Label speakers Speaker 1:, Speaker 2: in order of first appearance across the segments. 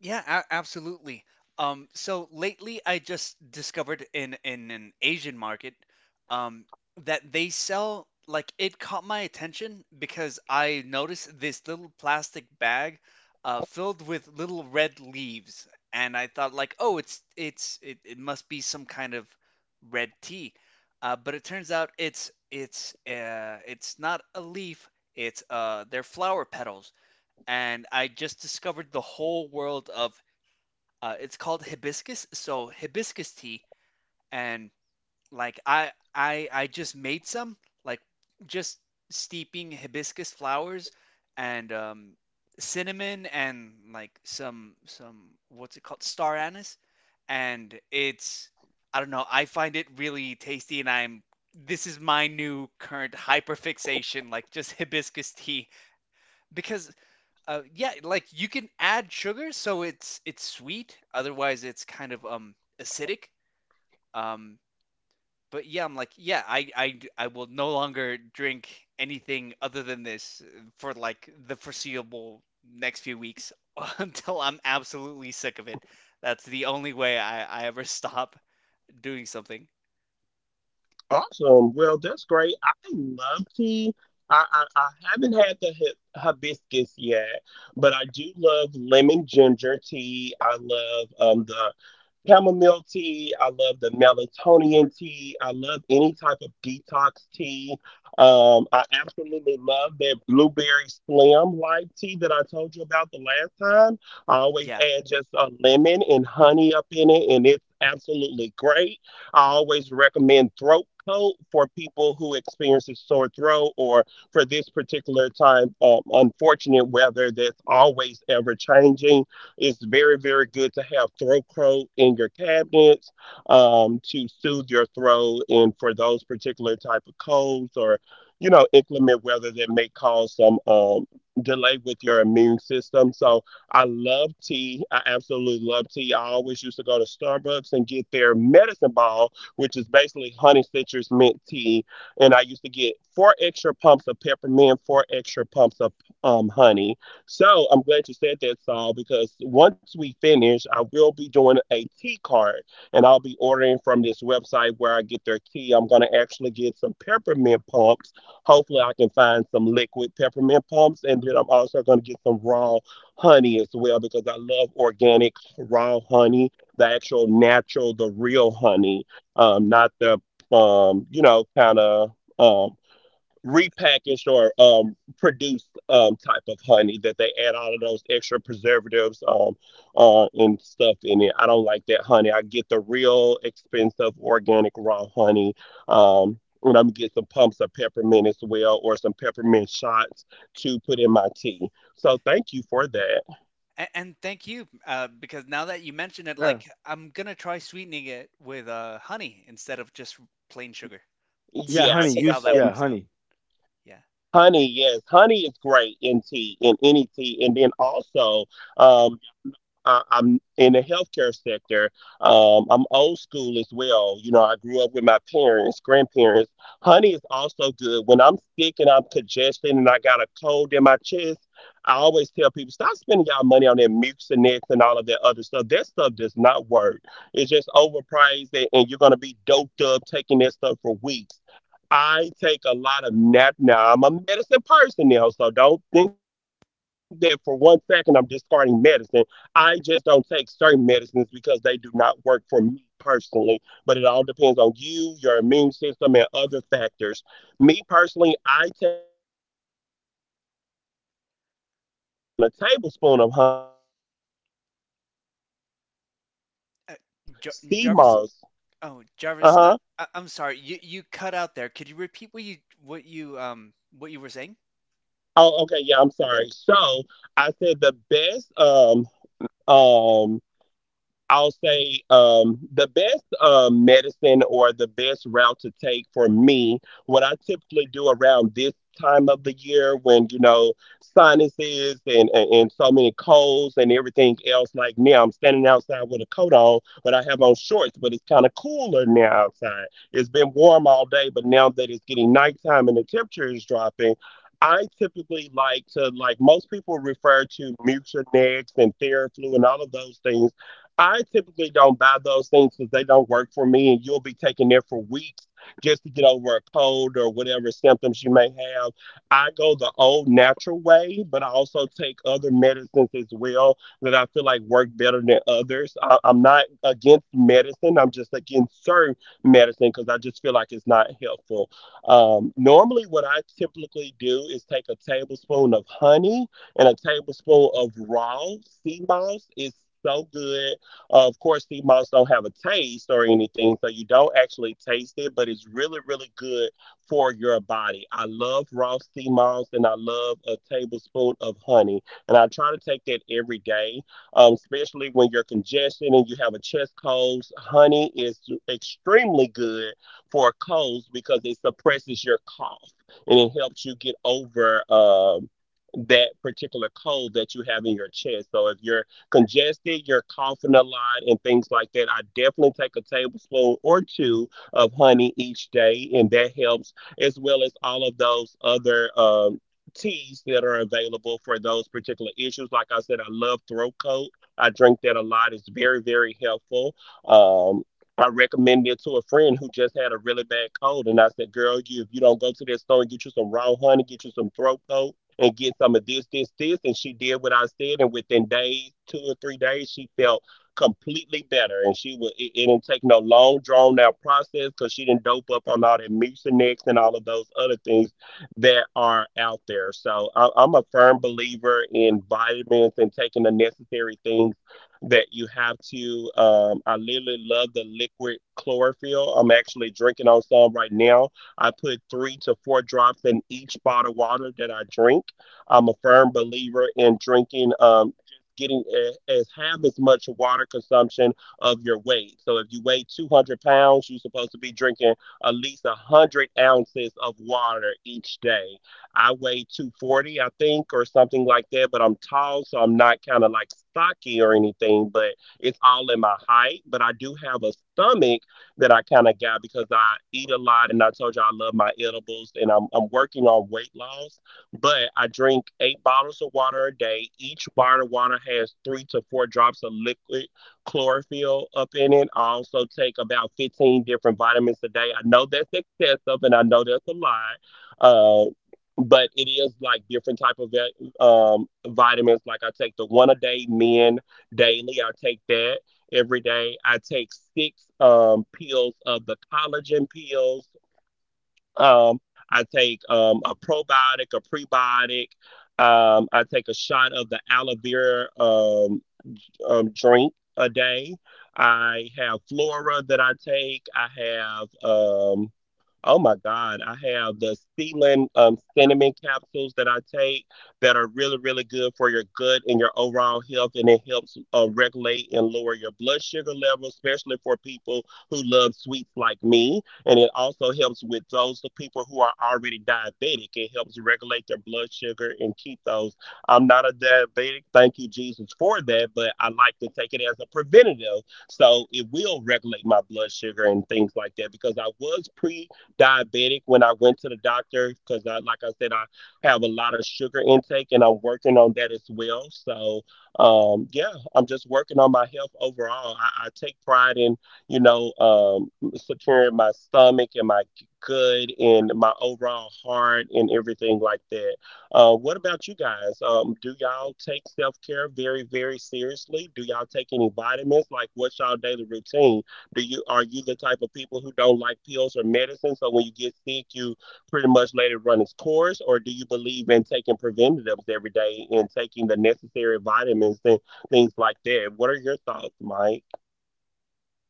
Speaker 1: Absolutely. So lately, I just discovered in an Asian market, um, that they sell, like, it caught my attention because I noticed this little plastic bag, filled with little red leaves, and I thought, like, oh, it must be some kind of red tea, but it turns out it's not a leaf, it's they're flower petals, and I just discovered the whole world of it's called hibiscus. So hibiscus tea, and, like, I just made some, like, just steeping hibiscus flowers and cinnamon and, like, some what's it called, star anise, and it's, I don't know, I find it really tasty, and I'm, this is my new current hyperfixation, like, just hibiscus tea, because yeah, like, you can add sugar, so it's sweet. Otherwise, it's kind of acidic. Um, but yeah, I'm like, yeah, I will no longer drink anything other than this, for, like, the foreseeable next few weeks until I'm absolutely sick of it. That's the only way I ever stop doing something. Yeah. Mm, And thank you, because now that you mention it, like,
Speaker 2: Yeah.
Speaker 1: I'm gonna try sweetening it with honey instead of just plain sugar.
Speaker 2: Yeah,
Speaker 1: see
Speaker 2: honey.
Speaker 1: see how
Speaker 2: Use
Speaker 1: that
Speaker 2: yeah,
Speaker 1: works out.
Speaker 2: honey.
Speaker 1: Yeah. Uh, Jarvis. Oh, Jarvis. I'm sorry. You cut out there. Could you repeat what you, what you were saying?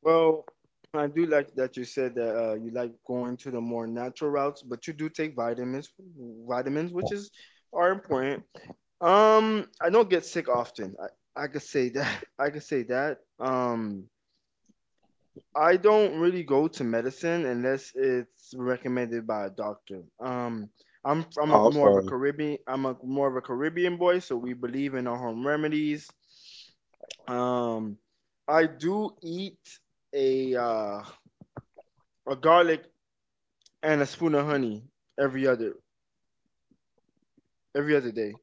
Speaker 2: Well, I do like that you said that you like going to the more natural routes, but you do take vitamins, vitamins, which is are important. I don't get sick often. I could say that. I could say that. I don't really go to medicine unless it's recommended by a doctor. I'm a, more of a Caribbean. I'm a more of a Caribbean boy, so we believe in our home remedies. Um, I do eat a uh, a garlic and a spoon of honey every other every other day.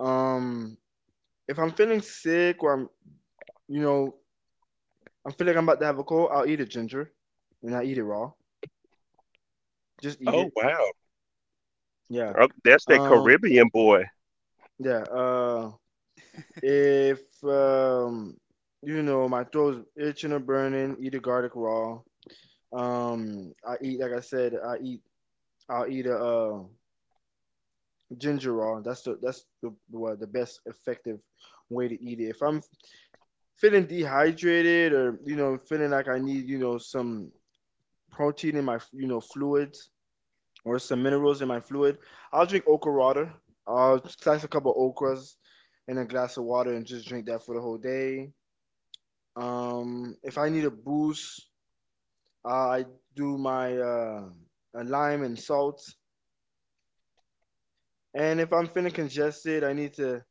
Speaker 2: Um, if I'm feeling sick or I'm you know I'm feeling like I'm about to have a cold, I'll eat a ginger and I eat it raw. Just eat it. Yeah. Um. Yeah. If. You know my throat's itching or burning, eat a garlic raw. I eat like I said. I eat. I'll eat a ginger ale. That's the well, the best effective way to eat it. If I'm feeling dehydrated or feeling like I need some protein in my fluids or some minerals in my fluid, I'll drink okra water. I'll slice a couple of okras in a glass of water and just drink that for the whole day. If I need a boost, I do my a lime and salt. And if I'm feeling congested, I need to,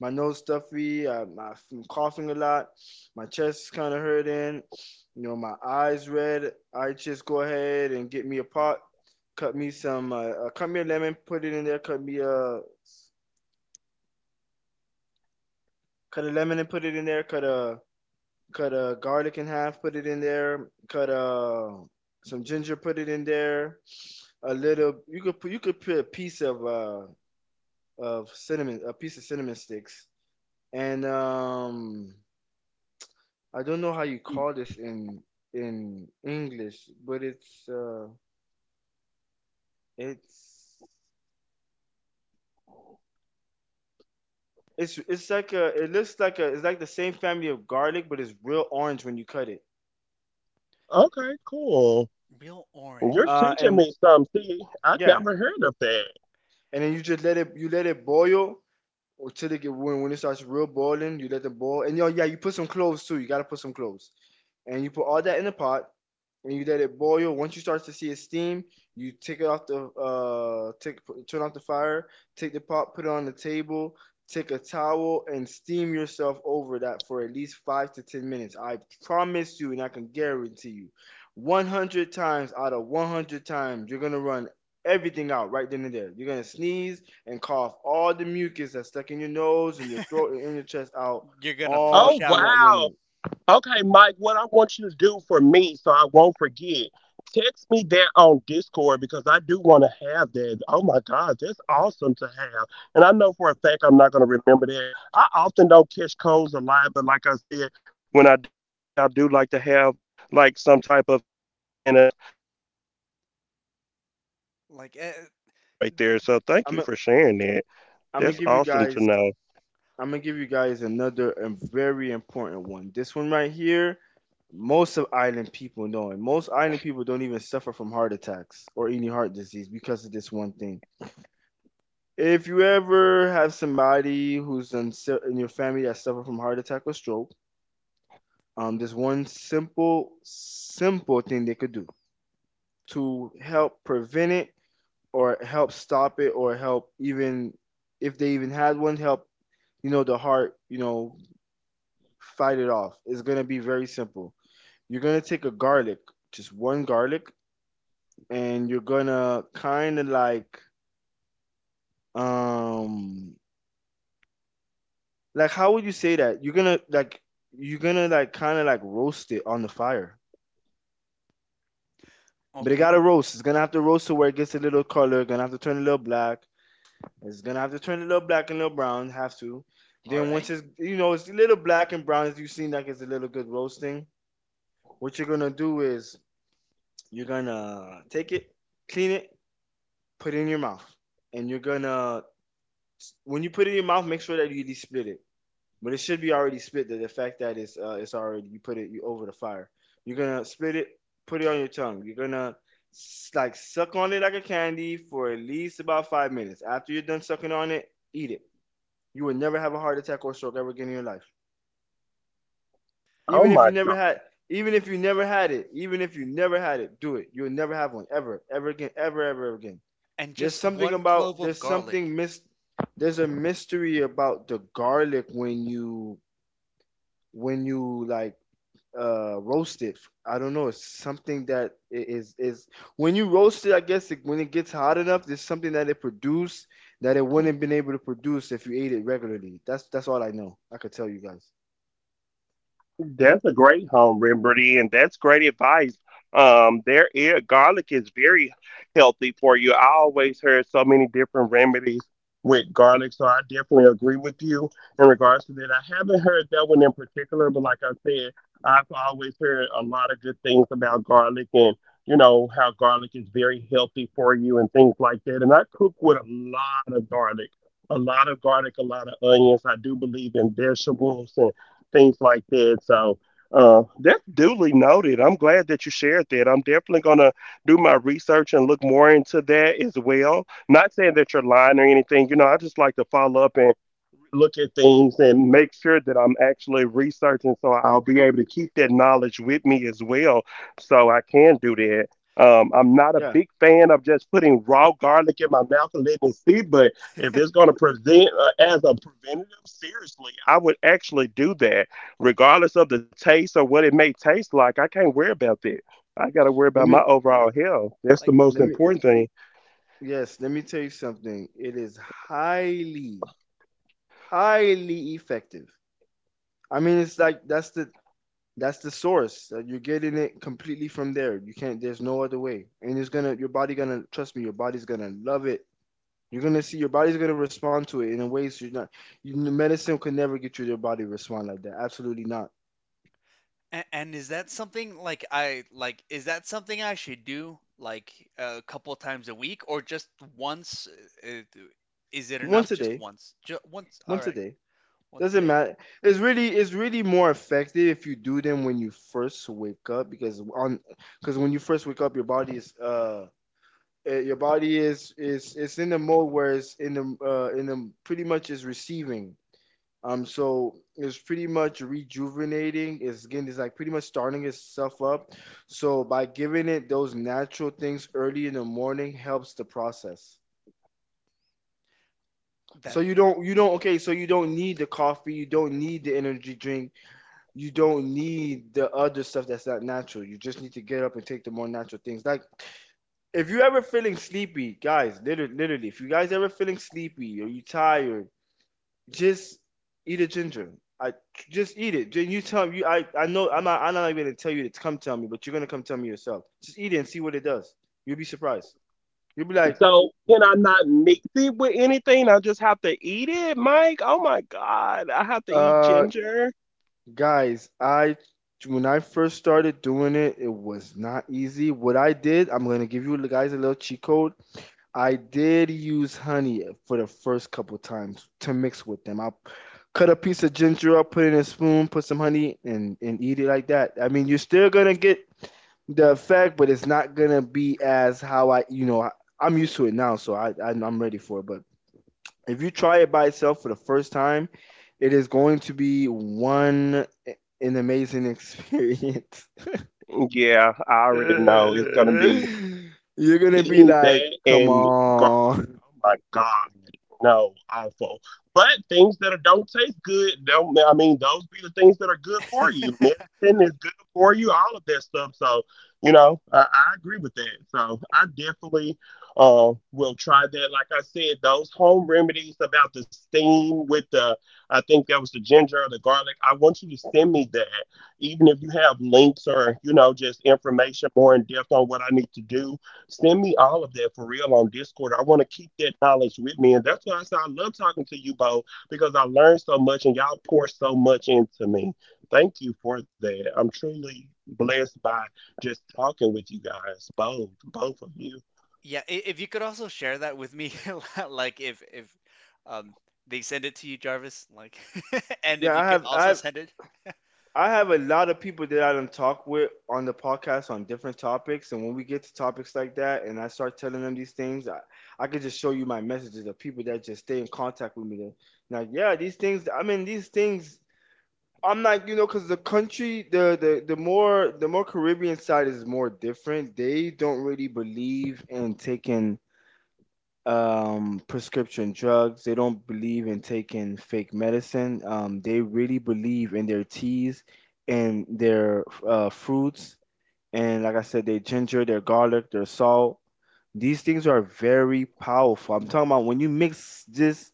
Speaker 2: my nose stuffy, I'm coughing a lot, my chest is kind of hurting, my eyes red. I just go ahead and get me a pot, cut me some, cut me a lemon, put it in there, cut me a, cut a lemon and put it in there, cut a garlic in half, put it in there, some ginger, put it in there, a little, you could put a piece of cinnamon, a piece of cinnamon sticks and I don't know how you call this in English, but it's it's like a it looks like a it's like the same family of garlic, but it's real orange when you cut it.
Speaker 1: Real orange.
Speaker 2: And yeah, and then you just let it you let it boil until it get when it starts real boiling, you let it boil. And yo yeah, you put some cloves too. You gotta put some cloves, and you put all that in the pot. And you let it boil. Once you start to see it steam, you take it off the take turn off the fire, take the pot, put it on the table, take a towel and steam yourself over that for at least 5 to 10 minutes. I promise you and I can guarantee you 100 times out of 100 times you're going to run everything out right then and there. You're going to sneeze and cough all the mucus that's stuck in your nose and your throat and in your chest out
Speaker 1: You're gonna
Speaker 2: all
Speaker 1: flush
Speaker 2: in
Speaker 1: out
Speaker 2: that 1 minute.
Speaker 1: like
Speaker 2: I'm gonna- I'm gonna
Speaker 1: yeah.
Speaker 2: give you guys I'm gonna give you guys another and very important one. This one right here, most of island people know, and most island people don't even suffer from heart attacks or any heart disease because of this one thing. If you ever have somebody who's in your family that suffered from heart attack or stroke, there's one simple, simple thing they could do to help prevent it or help stop it or help even if they even had one help, the heart, fight it off. It's gonna be very simple. You're gonna take a garlic, just one garlic, and you're gonna kind of um like how would you say that? You're gonna like kind of like roast it on the fire. But it
Speaker 1: Okay.
Speaker 2: gotta roast. It's gonna have to roast to where it gets a little color. Gonna have to turn a little black. It's gonna have to turn a little black and a little brown. Have to.
Speaker 1: All
Speaker 2: Then once
Speaker 1: right.
Speaker 2: it's you know it's a little black and brown, as you have seen like it's a little good roasting. What you're gonna do is you're gonna take it, clean it, put it in your mouth, and you're gonna when you put it in your mouth, make sure that you at split it. But it should be already split. The fact that it's already you put it you over the fire. You're gonna split it, put it on your tongue. You're gonna like suck on it like a candy for at least about 5 minutes. After you're done sucking on it, eat it. You will never have a heart attack or stroke ever again in your life. Even if you never had, even if you never had it, even if you never had it, do it. You'll never have one ever, ever again, ever, ever, ever again.
Speaker 1: And
Speaker 2: There's
Speaker 1: just
Speaker 2: something
Speaker 1: one clove
Speaker 2: about
Speaker 1: of
Speaker 2: there's
Speaker 1: garlic.
Speaker 2: something mis there's a mystery about the garlic when you like roast it. I don't know. It's something that is when you roast it. I guess it, when it gets hot enough, there's something that it produced that it wouldn't have been able to produce if you ate it regularly. That's all I know. I could tell you guys. Yeah. Let me
Speaker 1: Like
Speaker 2: let me yes. Let me tell you something. It is highly highly effective. I mean, it's like that's the source. You're getting it completely from there. You can't. There's no other way. And it's gonna. Your body gonna. Trust me. Your body's gonna love it. You're gonna see. Your body's gonna respond to it in a way so you're not. You, medicine could never get your body to respond like that. Absolutely not.
Speaker 1: and is that something, like, I, like, is that something I should do, like, a couple times a week or just once? Uh, uh, Is it
Speaker 2: Once
Speaker 1: enough
Speaker 2: a
Speaker 1: just
Speaker 2: day.
Speaker 1: once? Just once. All
Speaker 2: Once a
Speaker 1: right.
Speaker 2: day.
Speaker 1: Once a
Speaker 2: Doesn't
Speaker 1: day.
Speaker 2: matter. It's really. It's really more effective if you do them when you first wake up because on. Because when you first wake up, your body is. Your body is it's in the mode where it's in the pretty much is receiving. So it's pretty much rejuvenating. It's again, it's like pretty much starting itself up. So by giving it those natural things early in the morning helps the process. So
Speaker 1: That
Speaker 2: you don't, okay, so you don't need the coffee, you don't need the energy drink, you don't need the other stuff that's not natural. You just need to get up and take the more natural things. Like if you're ever feeling sleepy, guys, literally, literally, if you guys ever feeling sleepy or you tired, just eat a ginger. I just eat it. You tell you. I know. I'm not. I'm not even gonna tell you to come tell me, but you're gonna come tell me yourself. Just eat it and see what it does. You'll be surprised. You'll be like, uh, guys, I when I first started doing it, it was not easy. What I did, I'm gonna give you guys a little cheat code. I did use honey for the first couple times to mix with them. I cut a piece of ginger up, put it in a spoon, put some honey, and eat it like that. I mean, you're still gonna get the effect, but it's not gonna be as how I, you know, I, I'm used to it now, so I'm ready for it. But if you try it by itself for the first time, it is going to be one an amazing experience. You're gonna be like, come on.
Speaker 1: Yeah, if you could also share that with me, like, if um they send it to you, Jarvis, like, and if
Speaker 2: Yeah,
Speaker 1: you could also send it,
Speaker 2: I have a lot of people that I done talk with on the podcast on different topics, and when we get to topics like that, and I start telling them these things, I could just show you my messages of people that just stay in contact with me. They're like, yeah, these things. I mean, these things. I'm not, because the country, the more Caribbean side is more different. They don't really believe in taking prescription drugs. They don't believe in taking fake medicine. They really believe in their teas and their fruits. And like I said, their ginger, their garlic, their salt. These things are very powerful. I'm talking about when you mix this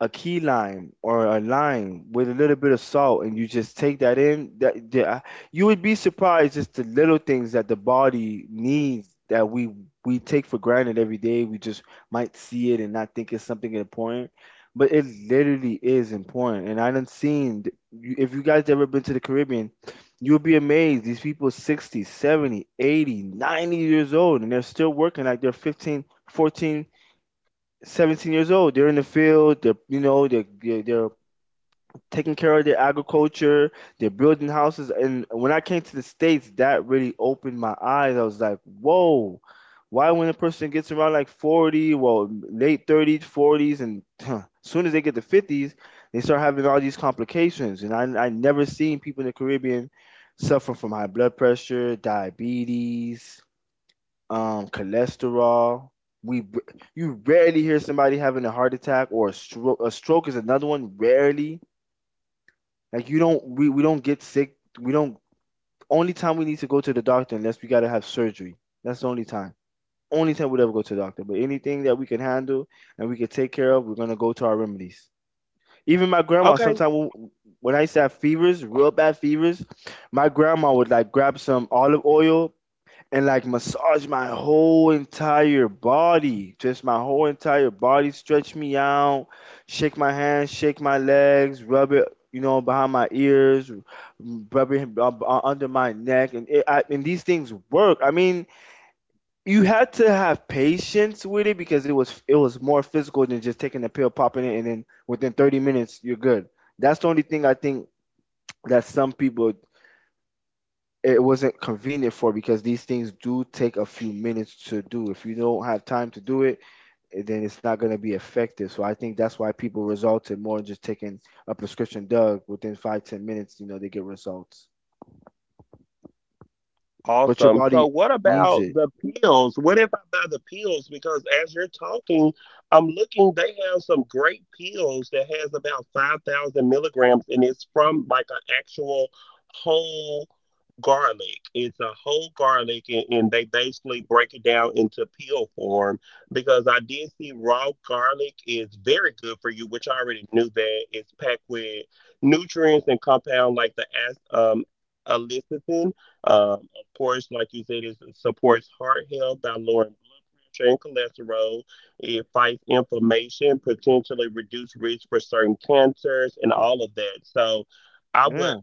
Speaker 2: a key lime or a lime with a little bit of salt and you just take that in that. You would be surprised just the little things that the body needs that we take for granted every day. We just might see it and not think it's something important, but it literally is important. And I done seen if you guys ever been to the Caribbean, you'll be amazed. These people 60 70 80 90 years old, and they're still working like they're 15 14 17 years old. They're in the field. They're you know they're taking care of their agriculture. They're building houses. And when I came to the States, that really opened my eyes. I was like, whoa. Why when a person gets around like 40, well, late 30s, 40s, and as soon as they get to 50s, they start having all these complications. And I never seen people in the Caribbean suffering from high blood pressure, diabetes, cholesterol. You rarely hear somebody having a heart attack or a stroke. A stroke is another one. Rarely, like you don't we don't get sick. We don't. Only time we need to go to the doctor unless we gotta have surgery. That's the only time. Only time we'd ever go to the doctor. But anything that we can handle and we can take care of, we're gonna go to our remedies. Even my grandma, sometimes when I used to have fevers, real bad fevers, my grandma would like grab some olive oil, and like massage my whole entire body, just my whole entire body, stretch me out, shake my hands, shake my legs, rub it, behind my ears, rub it under my neck, and and these things work. I mean, you had to have patience with it because it was more physical than just taking a pill, popping it, and then within 30 minutes you're good. That's the only thing I think that some people it wasn't convenient for because these things do take a few minutes to do. If you don't have time to do it, then it's not going to be effective. So I think that's why people resulted more in just taking a prescription drug within 5-10 minutes. You know, they get results, but your body needs it. Yeah,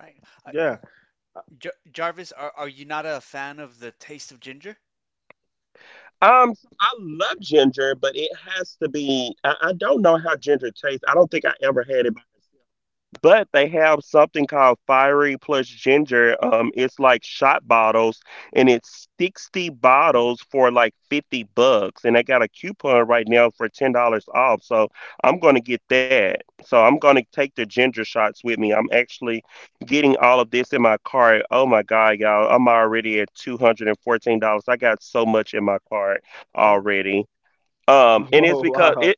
Speaker 1: right? Uh,
Speaker 2: yeah.
Speaker 1: Jarvis, are you not a fan of the taste of ginger? Oh.
Speaker 2: Oh wow.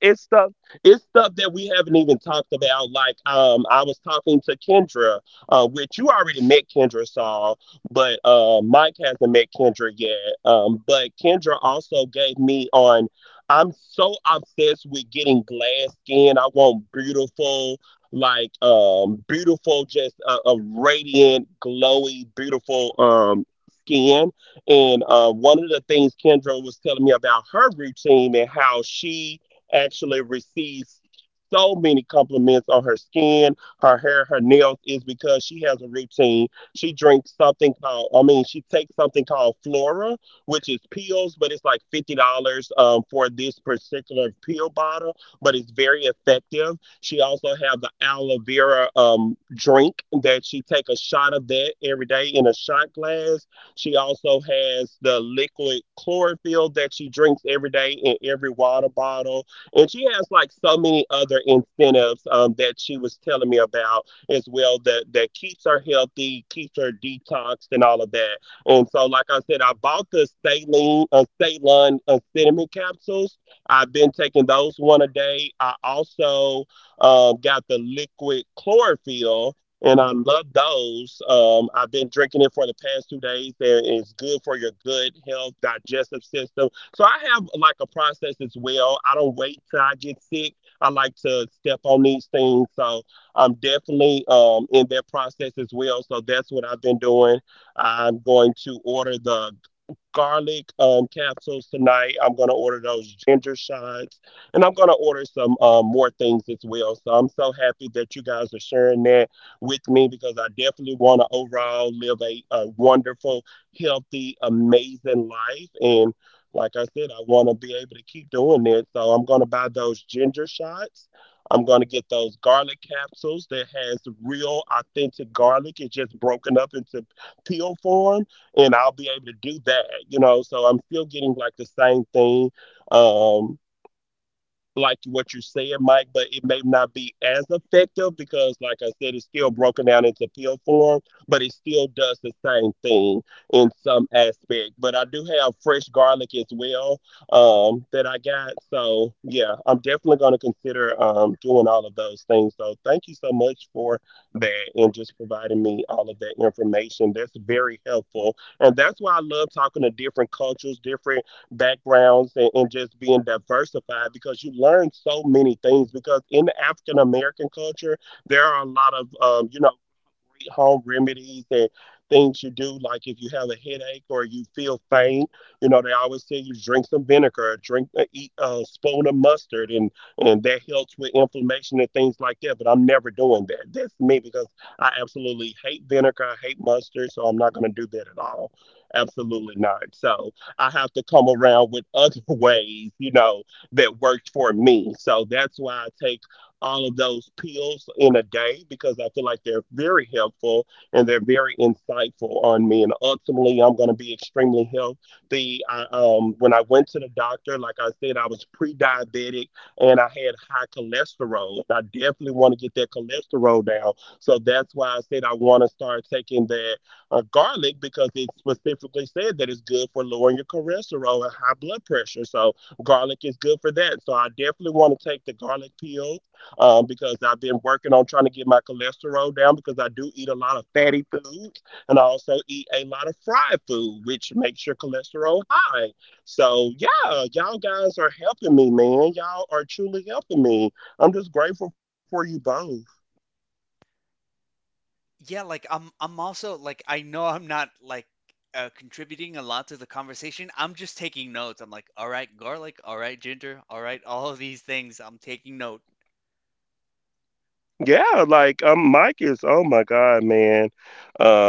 Speaker 1: Yeah, like, I'm also, like, I know I'm not, like, contributing a lot to the conversation. I'm just taking notes. I'm like, all right, garlic, all right, ginger, all right, all of these things. I'm taking note.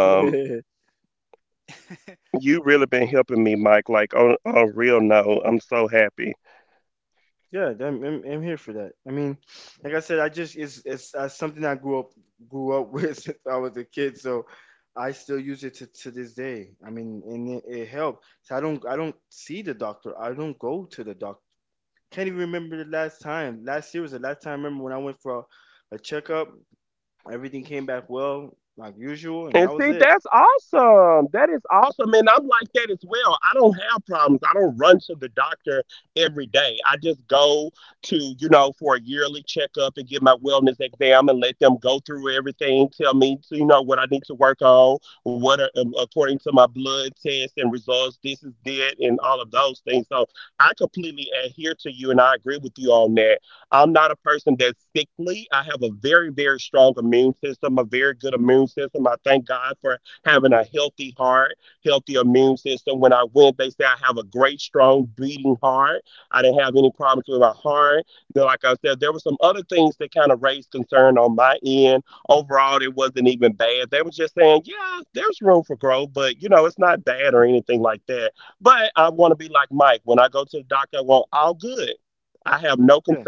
Speaker 2: Yeah, I'm here for that. I mean, like I said, I just it's something I grew up with since I was a kid, so I still use it to this day. I mean, and it helped. So I don't see the doctor. I don't go to the doctor. Can't even remember the last time. Last year was the last time I remember when I went for a checkup. Everything came back well, like usual, and that was it. Yeah,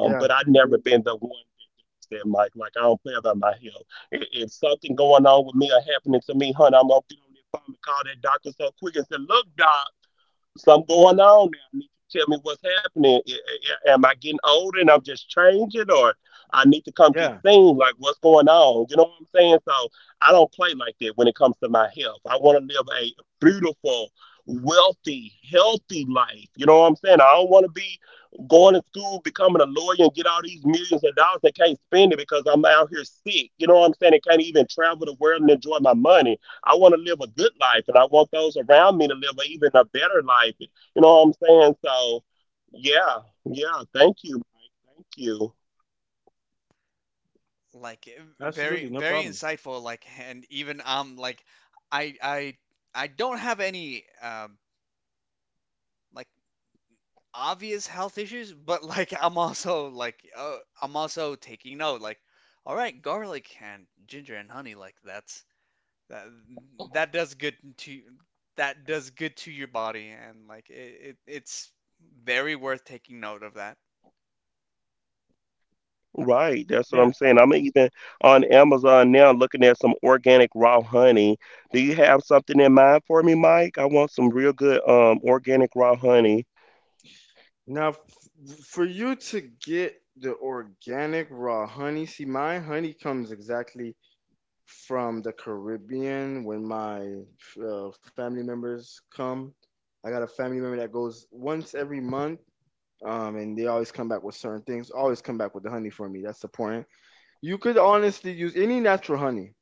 Speaker 2: yeah, yeah.
Speaker 1: Like very
Speaker 2: Absolutely, no
Speaker 1: very
Speaker 2: problem.
Speaker 1: insightful, like, and even like, i i I don't have any like obvious health issues, but like, I'm also like, I'm also taking note, like, all right, garlic and ginger and honey, like, that that does good to that does good to your body, and like, it's very worth taking note of that.
Speaker 2: Yeah. Now, for you to get the organic raw honey, see, my honey comes exactly from the Caribbean when my family members come. I got a family member that goes once every month, and they always come back with certain things, always come back with the honey for me. That's the point. You could honestly use any natural honey.